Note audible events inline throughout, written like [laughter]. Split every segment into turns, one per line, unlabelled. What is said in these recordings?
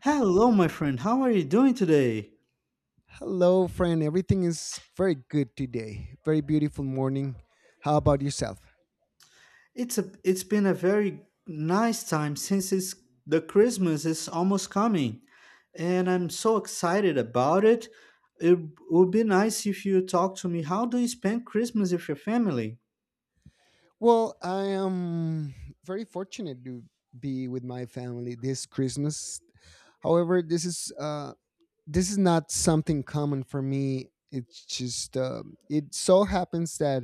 Hello, my friend. How are you doing today?
Hello, friend. Everything is very good today. Very beautiful morning. How about yourself?
It's been a very nice time since the Christmas is almost coming, and I'm so excited about it. It would be nice if you talk to me. How do you spend Christmas with your family?
Well, I am very fortunate to be with my family this Christmas. However, this is not something common for me. It's just it so happens that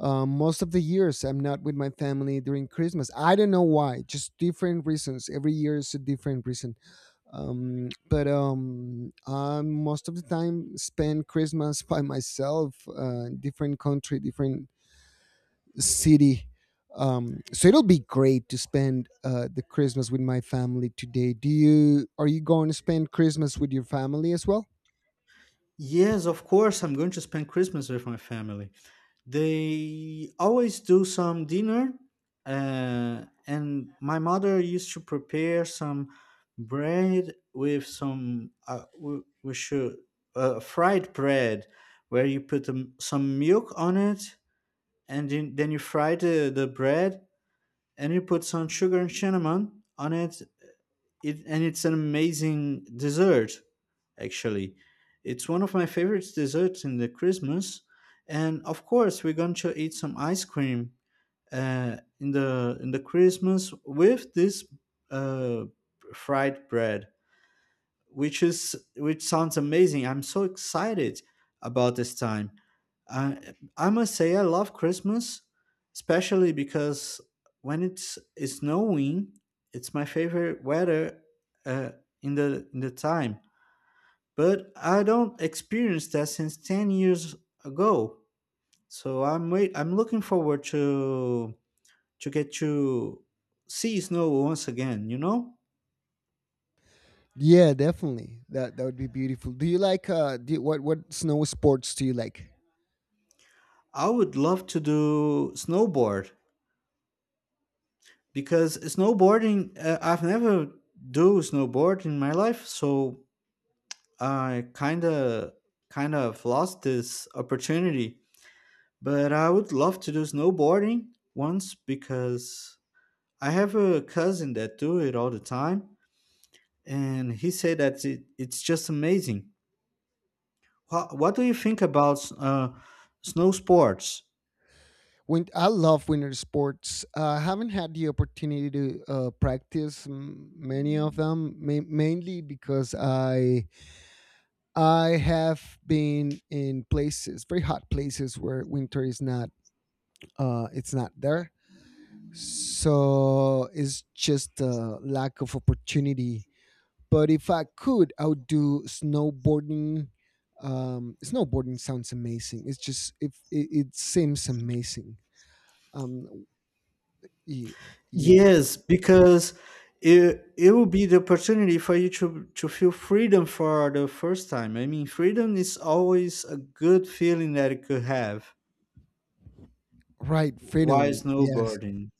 most of the years I'm not with my family during Christmas. I don't know why. Just different reasons. Every year is a different reason. But I most of the time spend Christmas by myself. Different country, different city. So it'll be great to spend the Christmas with my family today. Do you Are you going to spend Christmas with your family as well?
Yes, of course, I'm going to spend Christmas with my family. They always do some dinner, and my mother used to prepare some bread with some we should fried bread, where you put some milk on it, and then you fry the bread, and you put some sugar and cinnamon on it, and it's an amazing dessert, actually. It's one of my favorite desserts in the Christmas. And of course, we're going to eat some ice cream in the Christmas with this uh, fried bread, which is which sounds amazing. I'm so excited about this time. I must say I love Christmas, especially because when it's snowing. It's my favorite weather uh, in the time, but I don't experience that since 10 years ago. So I'm looking forward to get to see snow once again, you know?
Yeah, definitely, that would be beautiful. Do you like do you, What snow sports do you like?
I would love to do snowboard, because snowboarding, I've never do snowboard in my life, so I kind of lost this opportunity, but I would love to do snowboarding once, because I have a cousin that do it all the time, and he said that it's just amazing. What do you think about snow sports?
I love winter sports. I haven't had the opportunity to practice many of them, mainly because I have been in places, very hot places, where winter is not, it's not there. So it's just a lack of opportunity. But if I could, I would do snowboarding. Snowboarding sounds amazing. It's just if it, it seems amazing. Um, y- yeah.
Yes, because it will be the opportunity for you to feel freedom for the first time. I mean, freedom is always a good feeling that you could have
Right,
while
freedom. Yes,
snowboarding.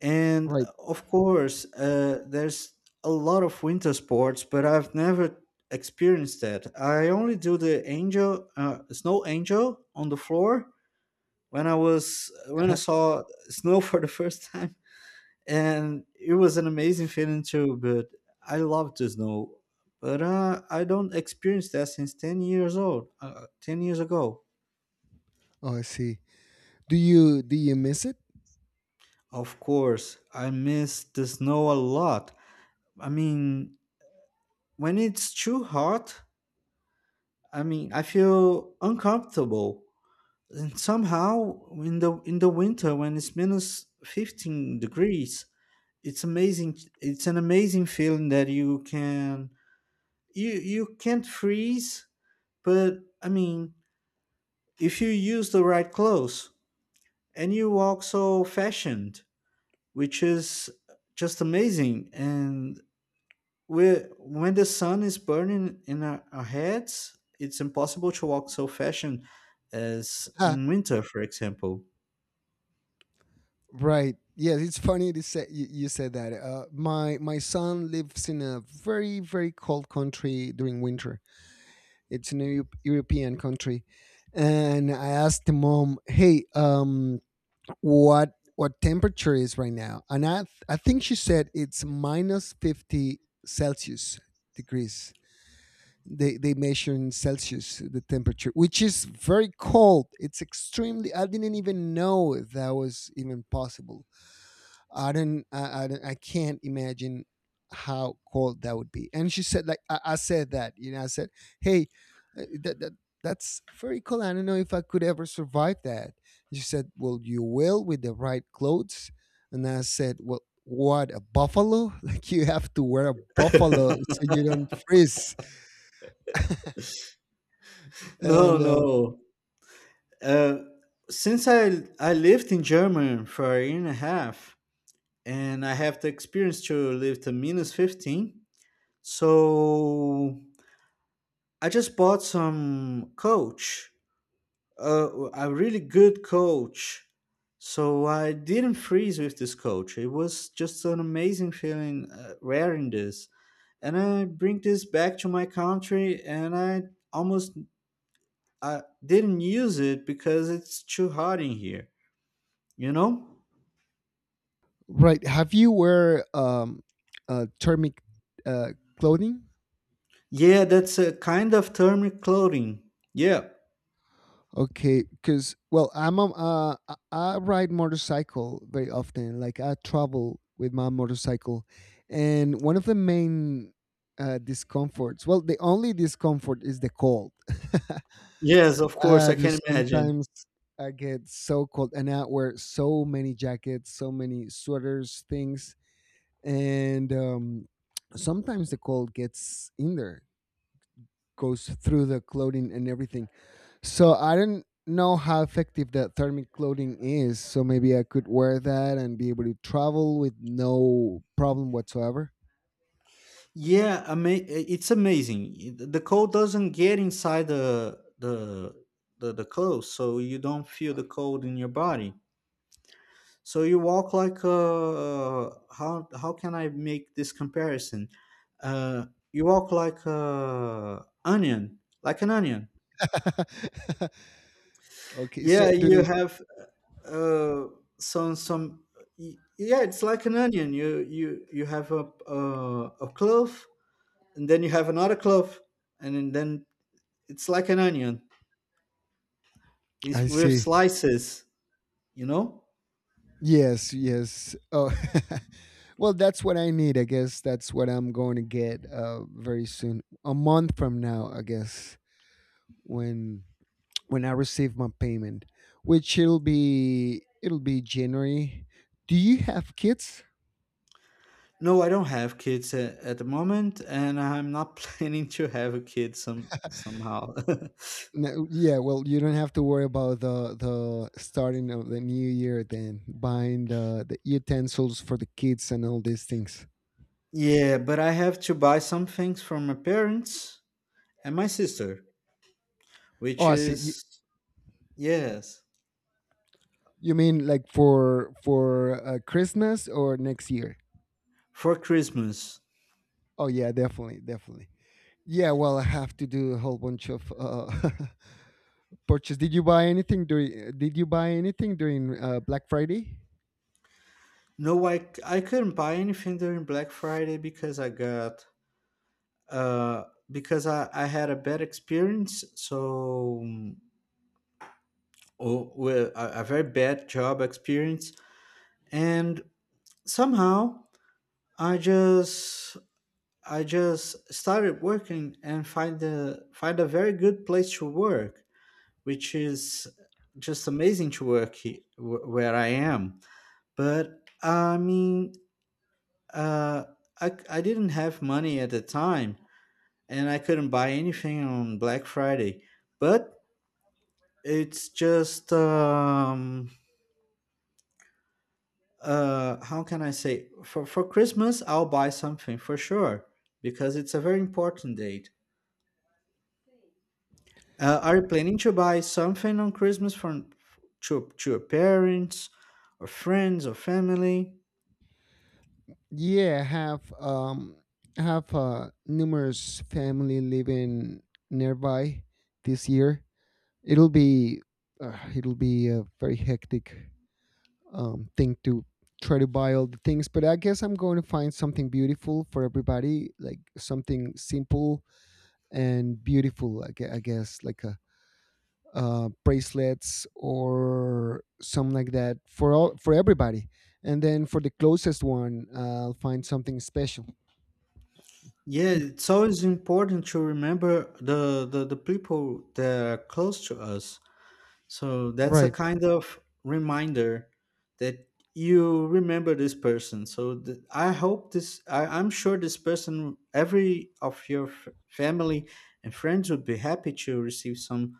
And
right.
of course, there's a lot of winter sports, but I've never experienced that. I only do the angel, snow angel on the floor, when I was when I
[laughs]
saw snow [laughs] for the first time, and it was an amazing feeling too. But I love the snow, but I don't experience that since 10 years old, 10 years ago.
Oh, I see. Do you miss it?
Of course, I miss the snow a lot. I mean, when it's too hot, I mean, I feel uncomfortable. And somehow, in the winter when it's minus 15 degrees, it's amazing. It's an amazing feeling that you can't freeze, but I mean, if you use the right clothes and you
[laughs]
walk so fashioned, which is just amazing. And we when the sun is burning in our heads, it's impossible to walk so fashioned as
Ah,
in winter, for example.
right. Yes, it's funny to say you said that. My son lives in a very very cold country during winter. It's an European country, and I asked the mom, "Hey, what temperature is right now?" And I think she said it's minus 50 Celsius degrees. They measure in Celsius the temperature, which is very cold. It's extremely— I didn't even know that was even possible. I can't imagine how cold that would be. And she said, like, I said that, I said, hey, uh, that, that, that's very cold. I don't know if I could ever survive that. And she said, well, you will with the right clothes. And I said, well, what a buffalo? [laughs] Like you have to wear a buffalo
[laughs]
so you don't freeze.
No,
And
no. Uh, since I lived in Germany for a year and a half, and I have the experience to live to minus 15, so I just bought some coach, a really good coach. So I didn't freeze with this coach. It was just an amazing feeling wearing this, and I bring this back to my country, and I almost I didn't use it because it's too hot in here, you know?
right, have you wear thermic uh, clothing?
Yeah, that's a kind of thermic clothing. Yeah.
Okay, because, well, I'm a, I ride motorcycle very often. Like I travel with my motorcycle, and one of the main discomforts, well, the only discomfort is the cold. [laughs]
Yes, of course,
uh,
I can
there's
imagine.
sometimes I get so cold, and I wear so many jackets, so many sweaters, things, and sometimes the cold gets in there, goes through the clothing and everything, so I didn't know how effective that thermic clothing is. So maybe I could wear that and be able to travel with no problem whatsoever.
Yeah, ama- it's amazing. The cold doesn't get inside the clothes, so you don't feel the cold in your body. So you walk like a, how can I make this comparison? Uh, you walk like a onion, like an onion.
[laughs] Okay. So
Yeah,
do
you
they?
have, uh, some some. Yeah, it's like an onion. You have a, a clove, and then you have another clove, and then it's like an onion
I
with
see.
slices. You know.
Yes. Yes. Oh. [laughs] Well, that's what I need. I guess that's what I'm going to get very soon, a month from now. I guess when when I receive my payment, which it'll be January. Do you have kids?
No, I don't have kids at the moment, and I'm not [laughs] planning to have a kid some somehow.
No, yeah, well, you don't have to worry about the starting of the new year, then buying the utensils for the kids and all these things.
[laughs] Yeah, but I have to buy some things from my parents and my sister,
Oh,
which
I see. You,
is, yes,
you mean like for Christmas or next year?
for Christmas.
Oh yeah, definitely, definitely. Yeah, well, I have to do a whole bunch of [laughs] purchase. Did you buy anything during Black Friday?
No, I couldn't buy anything during Black Friday, because I got uh because I had a bad experience, so a very bad job experience, and somehow I just I just started working and find a very good place to work, which is just amazing to work where I am. But I mean, uh I didn't have money at the time, and I couldn't buy anything on Black Friday. But it's just how can I say, for Christmas I'll buy something for sure, because it's a very important date. Are you planning to buy something on Christmas from to your parents or friends or family?
Yeah, I have numerous family living nearby this year. It'll be it'll be a very hectic thing to try to buy all the things, but I guess I'm going to find something beautiful for everybody, like something simple and beautiful. I guess like a bracelets or something like that, for everybody, and then for the closest one, I'll find something special.
Yeah, it's always important to remember the people that are close to us. So that's a
Right.
kind of reminder that you remember this person. So I hope this, I'm sure this person, every of your family and friends would be happy to receive some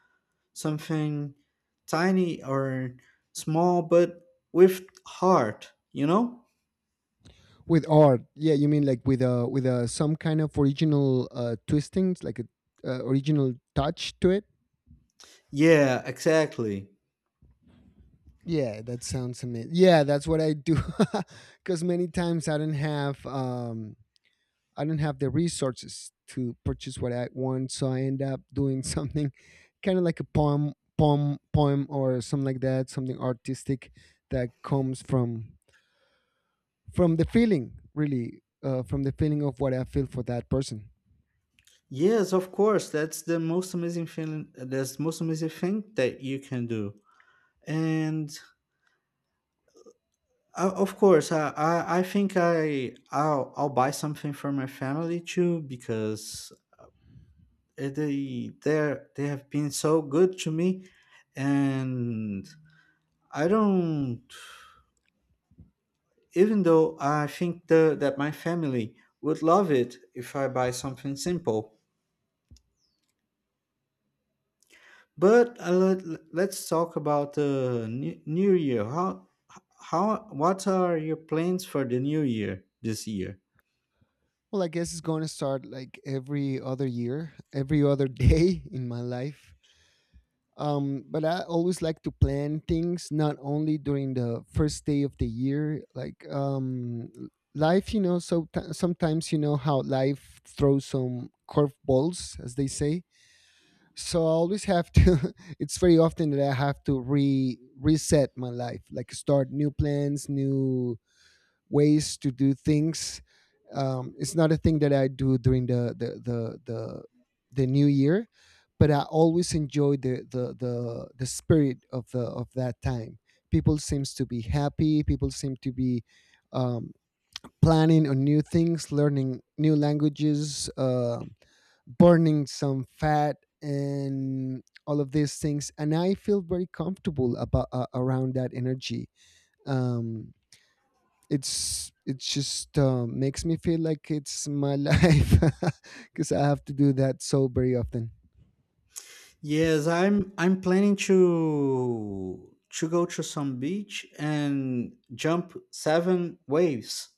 something tiny or small, but with heart, you know?
With art, yeah, you mean like with a some kind of original twistings, like a original touch to it?
Yeah, exactly.
Yeah, that sounds amazing. Yeah, that's what I do, [laughs] because many times I don't have the resources to purchase what I want. So I end up doing something, [laughs] kind of like a poem or something like that, something artistic that comes from the feeling, really, from the feeling of what I feel for that person.
Yes, of course. That's the most amazing feeling. That's the most amazing thing that you can do. And of course, I think I'll buy something for my family too, because they have been so good to me, and I don't. Even though I think that my family would love it if I buy something simple, but let's talk about the new year. How, what are your plans for the new year this year?
Well, I guess it's going to start like every other year, every other day, [laughs] in my life. But I always like to plan things not only during the first day of the year, like, life, so sometimes you know how life throws some curveballs, as they say. So I always have to— [laughs] it's very often that I have to re reset my life, like, start new plans, new ways to do things. It's not a thing that I do during the new year, but I always enjoy the spirit of the of that time. People seems to be happy. People seem to be um, planning on new things, learning new languages, burning some fat and all of these things, and I feel very comfortable about, around that energy. Um it's it just makes me feel like it's my [laughs] life, because I have to do that so very often.
Yes, I'm planning to go to some beach and jump seven waves.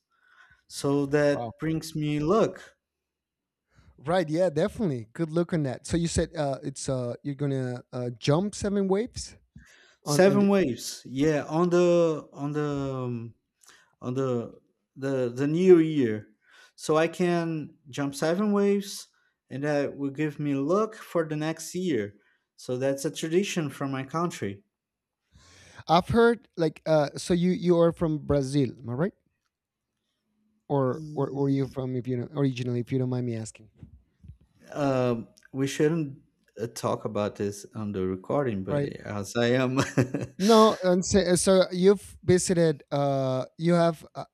So
Wow.
that brings me luck.
Right, yeah, definitely good look on that. So you said, it's you're gonna jump seven waves on in
Seven
the—
waves. Yeah, on the um, on the new year. So I can jump seven waves, and that will give me luck for the next year. So that's a tradition from my country.
I've heard, like, so you are from Brazil, am I right? Or were you
Ye-
from, if you know, originally, if you don't mind me asking?
We shouldn't talk about this on the recording, but
Right.
as I am,
No, and so you've visited. You have. Uh,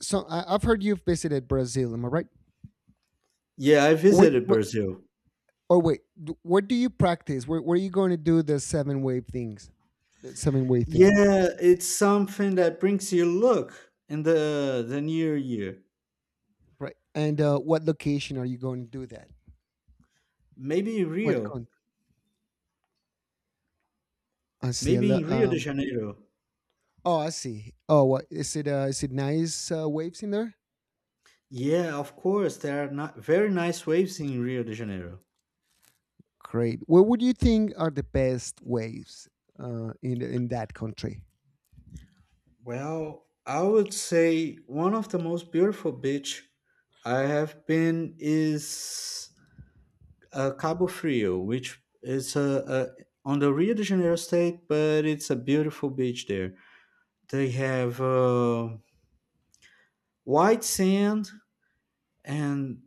so I've heard you've visited Brazil. Am I right?
[laughs] yeah, I
Or
visited
wait,
Brazil.
where do you practice? Where are you going to do the seven wave things? The seven wave thing,
Yeah, it's something that brings you luck in the near year.
right? And what location are you going to do that?
Maybe in
What
Rio,
country? I see.
maybe in Rio de Janeiro.
Oh, I see. Oh, what is it? Is it nice waves in there?
Yeah, of course, there are not very nice waves in Rio de Janeiro.
Great. What would you think are the best waves in that country?
Well, I would say one of the most beautiful beach I have been is, Cabo Frio, which is a, on the Rio de Janeiro state, but it's a beautiful beach there. They have, white sand, and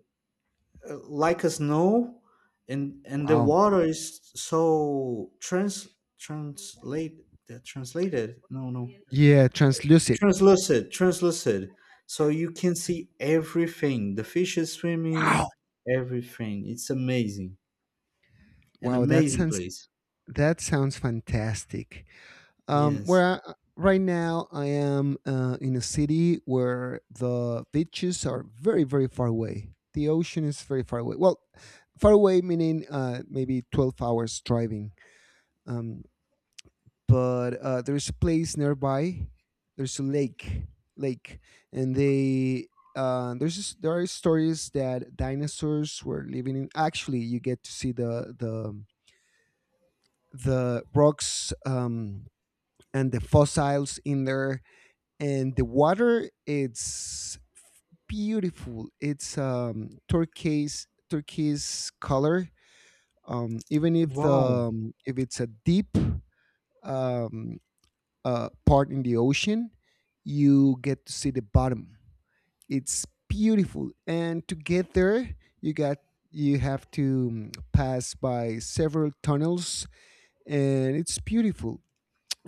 like a snow, and the
Wow.
water is so trans translate that translated no no
Yeah,
it's
translucid.
translucent so you can see everything, the fishes
Wow.
swimming, everything. It's amazing, an
Wow,
amazing place.
that sounds fantastic. Um,
Yes.
where right now I am in a city where the beaches are very very far away. The ocean is very far away. Well, far away meaning, maybe 12 hours driving. Um, but there's a place nearby. There's a lake, lake, and they. There are stories that dinosaurs were living in. Actually, you get to see the rocks, and the fossils in there. And the water, it's beautiful. It's turquoise color. Even
Wow.
if it's a deep um, part in the ocean, you get to see the bottom. It's beautiful. And to get there, you got you have to pass by several tunnels, and it's beautiful.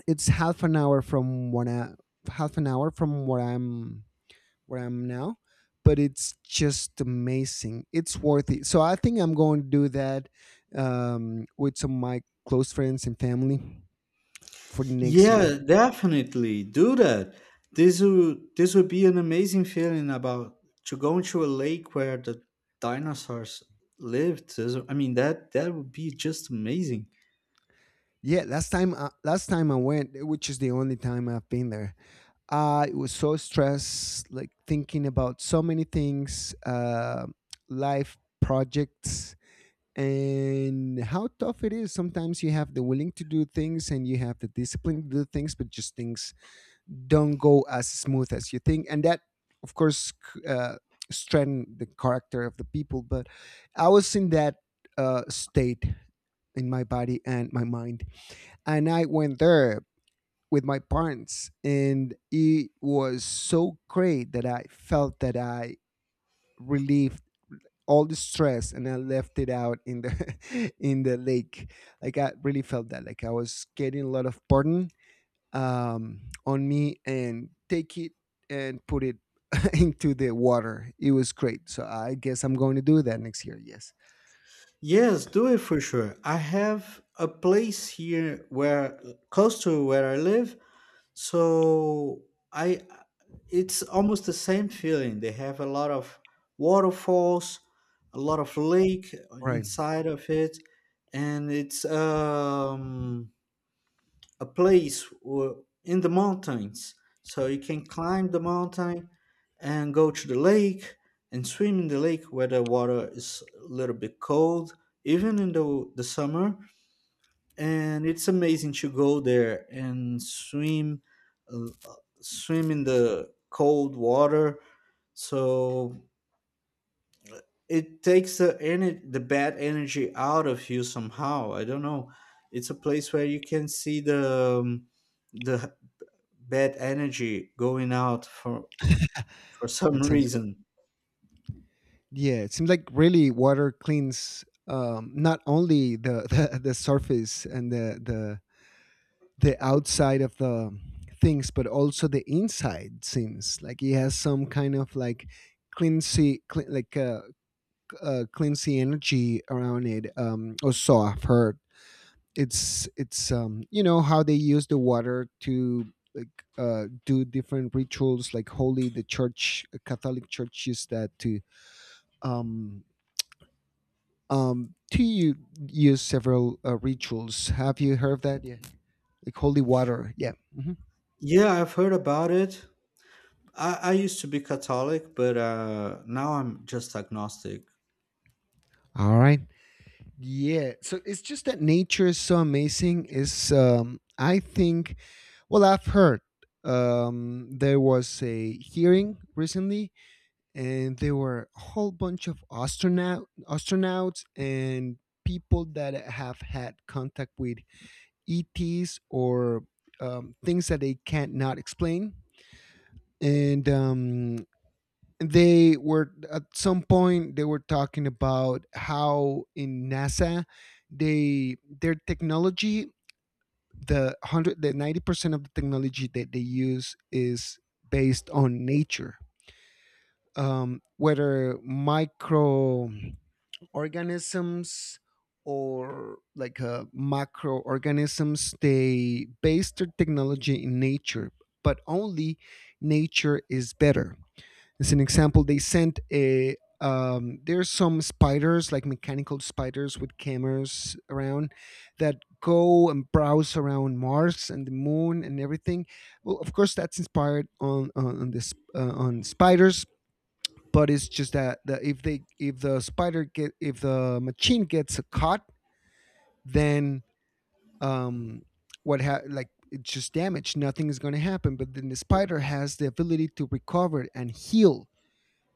It's half an hour from half an hour from where I'm now, but it's just amazing. It's worth it. So I think I'm going to do that, with some of my close friends and family for the next year.
Yeah, definitely do that. This would be an amazing feeling about to go into a lake where the dinosaurs lived. I mean that that would be just amazing.
Yeah, last time I went, which is the only time I've been there, I was so stressed, like thinking about so many things, life projects, and how tough it is. Sometimes you have the willing to do things and you have the discipline to do things, but just things don't go as smooth as you think, and that, of course, strengthen the character of the people, but I was in that state in my body and my mind, and I went there with my parents, and it was so great that I felt that I relieved all the stress and I left it out in the [laughs] in the lake. Like I really felt that. Like I was getting a lot of burden, on me, and take it and put it, [laughs] into the water. It was great. So I guess I'm going to do that next year. Yes.
Yes, do it for sure. I have a place here where close to where I live. So I it's almost the same feeling. They have a lot of waterfalls, a lot of lake
Right.
inside of it, and it's a place in the mountains. So you can climb the mountain and go to the lake and swim in the lake, where the water is a little bit cold, even in the summer, and it's amazing to go there and swim, uh, swim in the cold water. So it takes the bad energy out of you somehow. I don't know, it's a place where you can see the bad energy going out for [laughs]
That
some
sounds good.
reason.
Yeah, it seems like really water cleans, not only the, [laughs] the surface and the outside of the things, but also the inside seems like he has some kind of like cleansy, cleansy energy around it, or so I've heard. It's you know how they use the water to, like, do different rituals, like holy— the church, Catholic church use that to, um to you use several rituals. Have you heard of that? Yeah, like holy water. Yeah. Mhm.
Yeah, I've heard about it. I used to be catholic, but now I'm just agnostic.
All right. Yeah. So it's just that nature is so amazing. Is I think I've heard there was a hearing recently, and there were a whole bunch of astronauts and people that have had contact with ETs or things that they can't not explain. And they were at some point they were talking about how in NASA they their technology the 100 the 90% of the technology that they use is based on nature, whether microorganisms or like macroorganisms they base their technology in nature, but only nature is better. As an example, they sent a there's some spiders, like mechanical spiders with cameras around that go and browse around Mars and the Moon and everything. Well, of course, that's inspired on this on spiders, but it's just that if they if the machine gets caught, then um, like it's just damaged. Nothing is going to happen. But then the spider has the ability to recover and heal,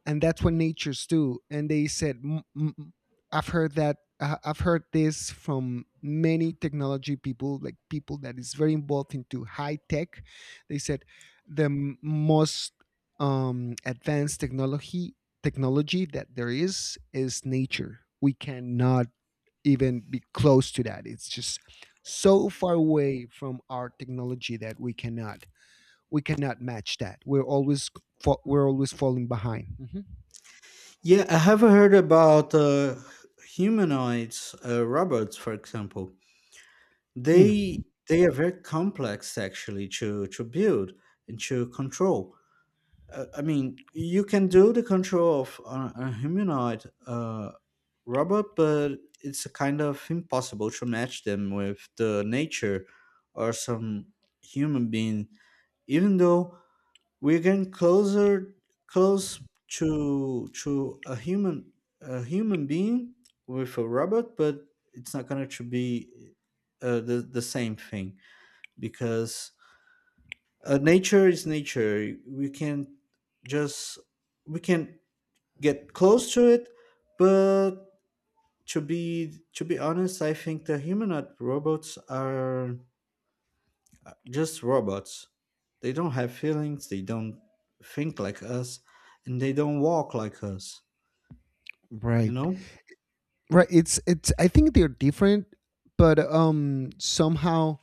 and that's what natures do. And they said I've heard that I've heard this from many technology people, like people that is very involved into high tech. They said the most advanced technology technology that there is nature. We cannot even be close to that. It's just so far away from our technology that we cannot match that. We're always we're always falling behind.
Yeah, I have heard about humanoids, robots, for example.
Mm,
They are very complex actually to build and to control. I mean, you can do the control of a humanoid, robot, but it's kind of impossible to match them with the nature or some human being, even though we're getting closer close to a human, a human being with a robot, but it's not going to be the same thing, because nature is nature. We can just we can get close to it, but to be honest, I think the humanoid robots are, just robots. They don't have feelings, they don't think like us, and they don't walk like us, you
Right.
know?
Right. It's I think they're different, but somehow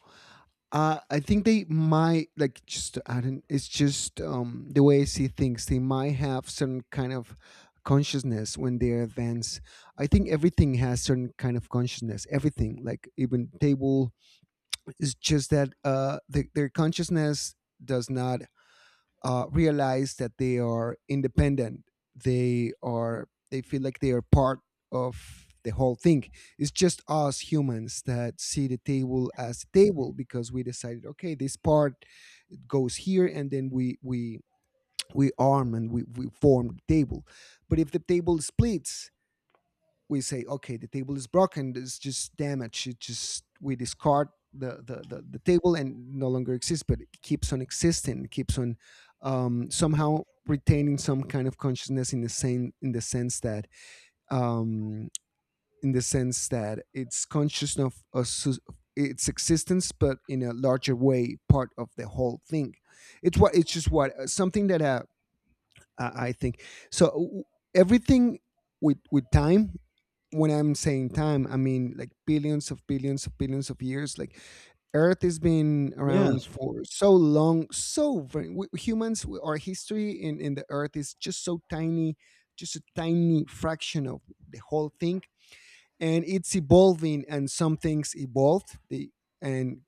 I think they might like just I don't, it's just the way I see things, they might have certain kind of consciousness when they're advanced. I think everything has certain kind of consciousness. Everything, like even table, it's just that their consciousness does not realize that they are independent. They feel like they are part of the whole thing. It's just us humans that see the table as a table because we decided, okay, this part goes here, and then we arm and we form the table. But if the table splits, we say, okay, the table is broken. It's just damaged. It just we discard the table and no longer exists, but it keeps on existing. It keeps on somehow retaining some kind of consciousness in the same in the sense that um, in the sense that it's conscious of a its existence, but in a larger way, part of the whole thing. It's what it's just what something that I think so. Everything with time, when I'm saying time, I mean like billions of billions of billions of years. Like Earth has been around
Yes.
for so long, so very, we, humans, our history in the Earth is just so tiny, just a tiny fraction of the whole thing. And it's evolving, and some things evolved and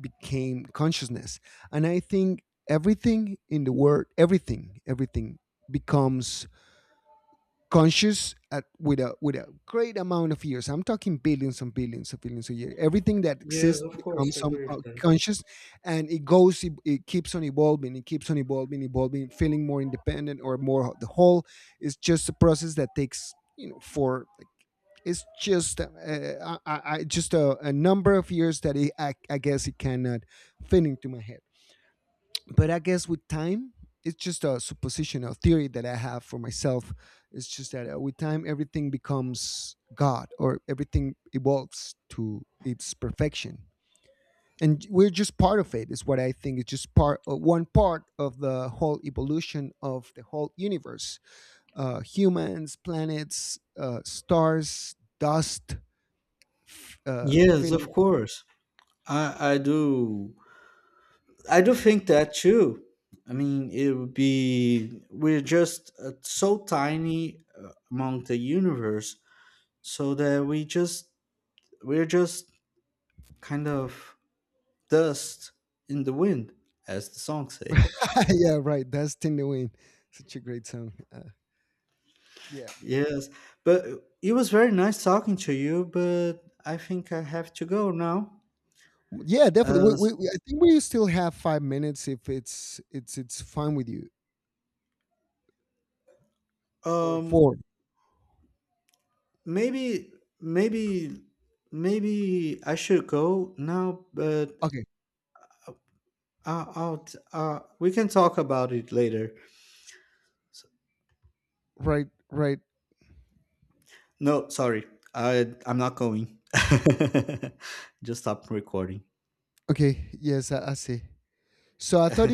became consciousness. And I think everything in the world, everything, everything becomes conscious with a great amount of years. I'm talking billions and billions of years. Everything that
Yes,
exists
of course,
becomes
I
some
agree with that.
conscious, and it goes. It keeps on evolving. It keeps on evolving, evolving, feeling more independent or more the whole. It's just a process that takes you know for. Like, it's just just a number of years that I guess it cannot fit into my head, but I guess with time, it's just a supposition, a theory that I have for myself. It's just that with time, everything becomes God, or everything evolves to its perfection, and we're just part of it. Is what I think. It's just part, one part of the whole evolution of the whole universe: humans, planets, stars, dust,
Yes,
feeling.
of course. I do. I do think that too. I mean, it would be. We're just so tiny among the universe, so that we just. We're just kind of dust in the wind, as the song say. [laughs]
[laughs] Yeah, right. Dust in the wind. Such a great song. Yeah.
Yes, but it was very nice talking to you, but I think I have to go now.
Yeah, definitely.
As
I think we still have 5 minutes if it's fine with you. Or
um
four.
maybe maybe Maybe I should go now, but
Okay,
I'll, we can talk about it later. S-
right, right.
No, sorry. I'm not going. [laughs] Just stop recording.
Okay, yes, I see. So I thought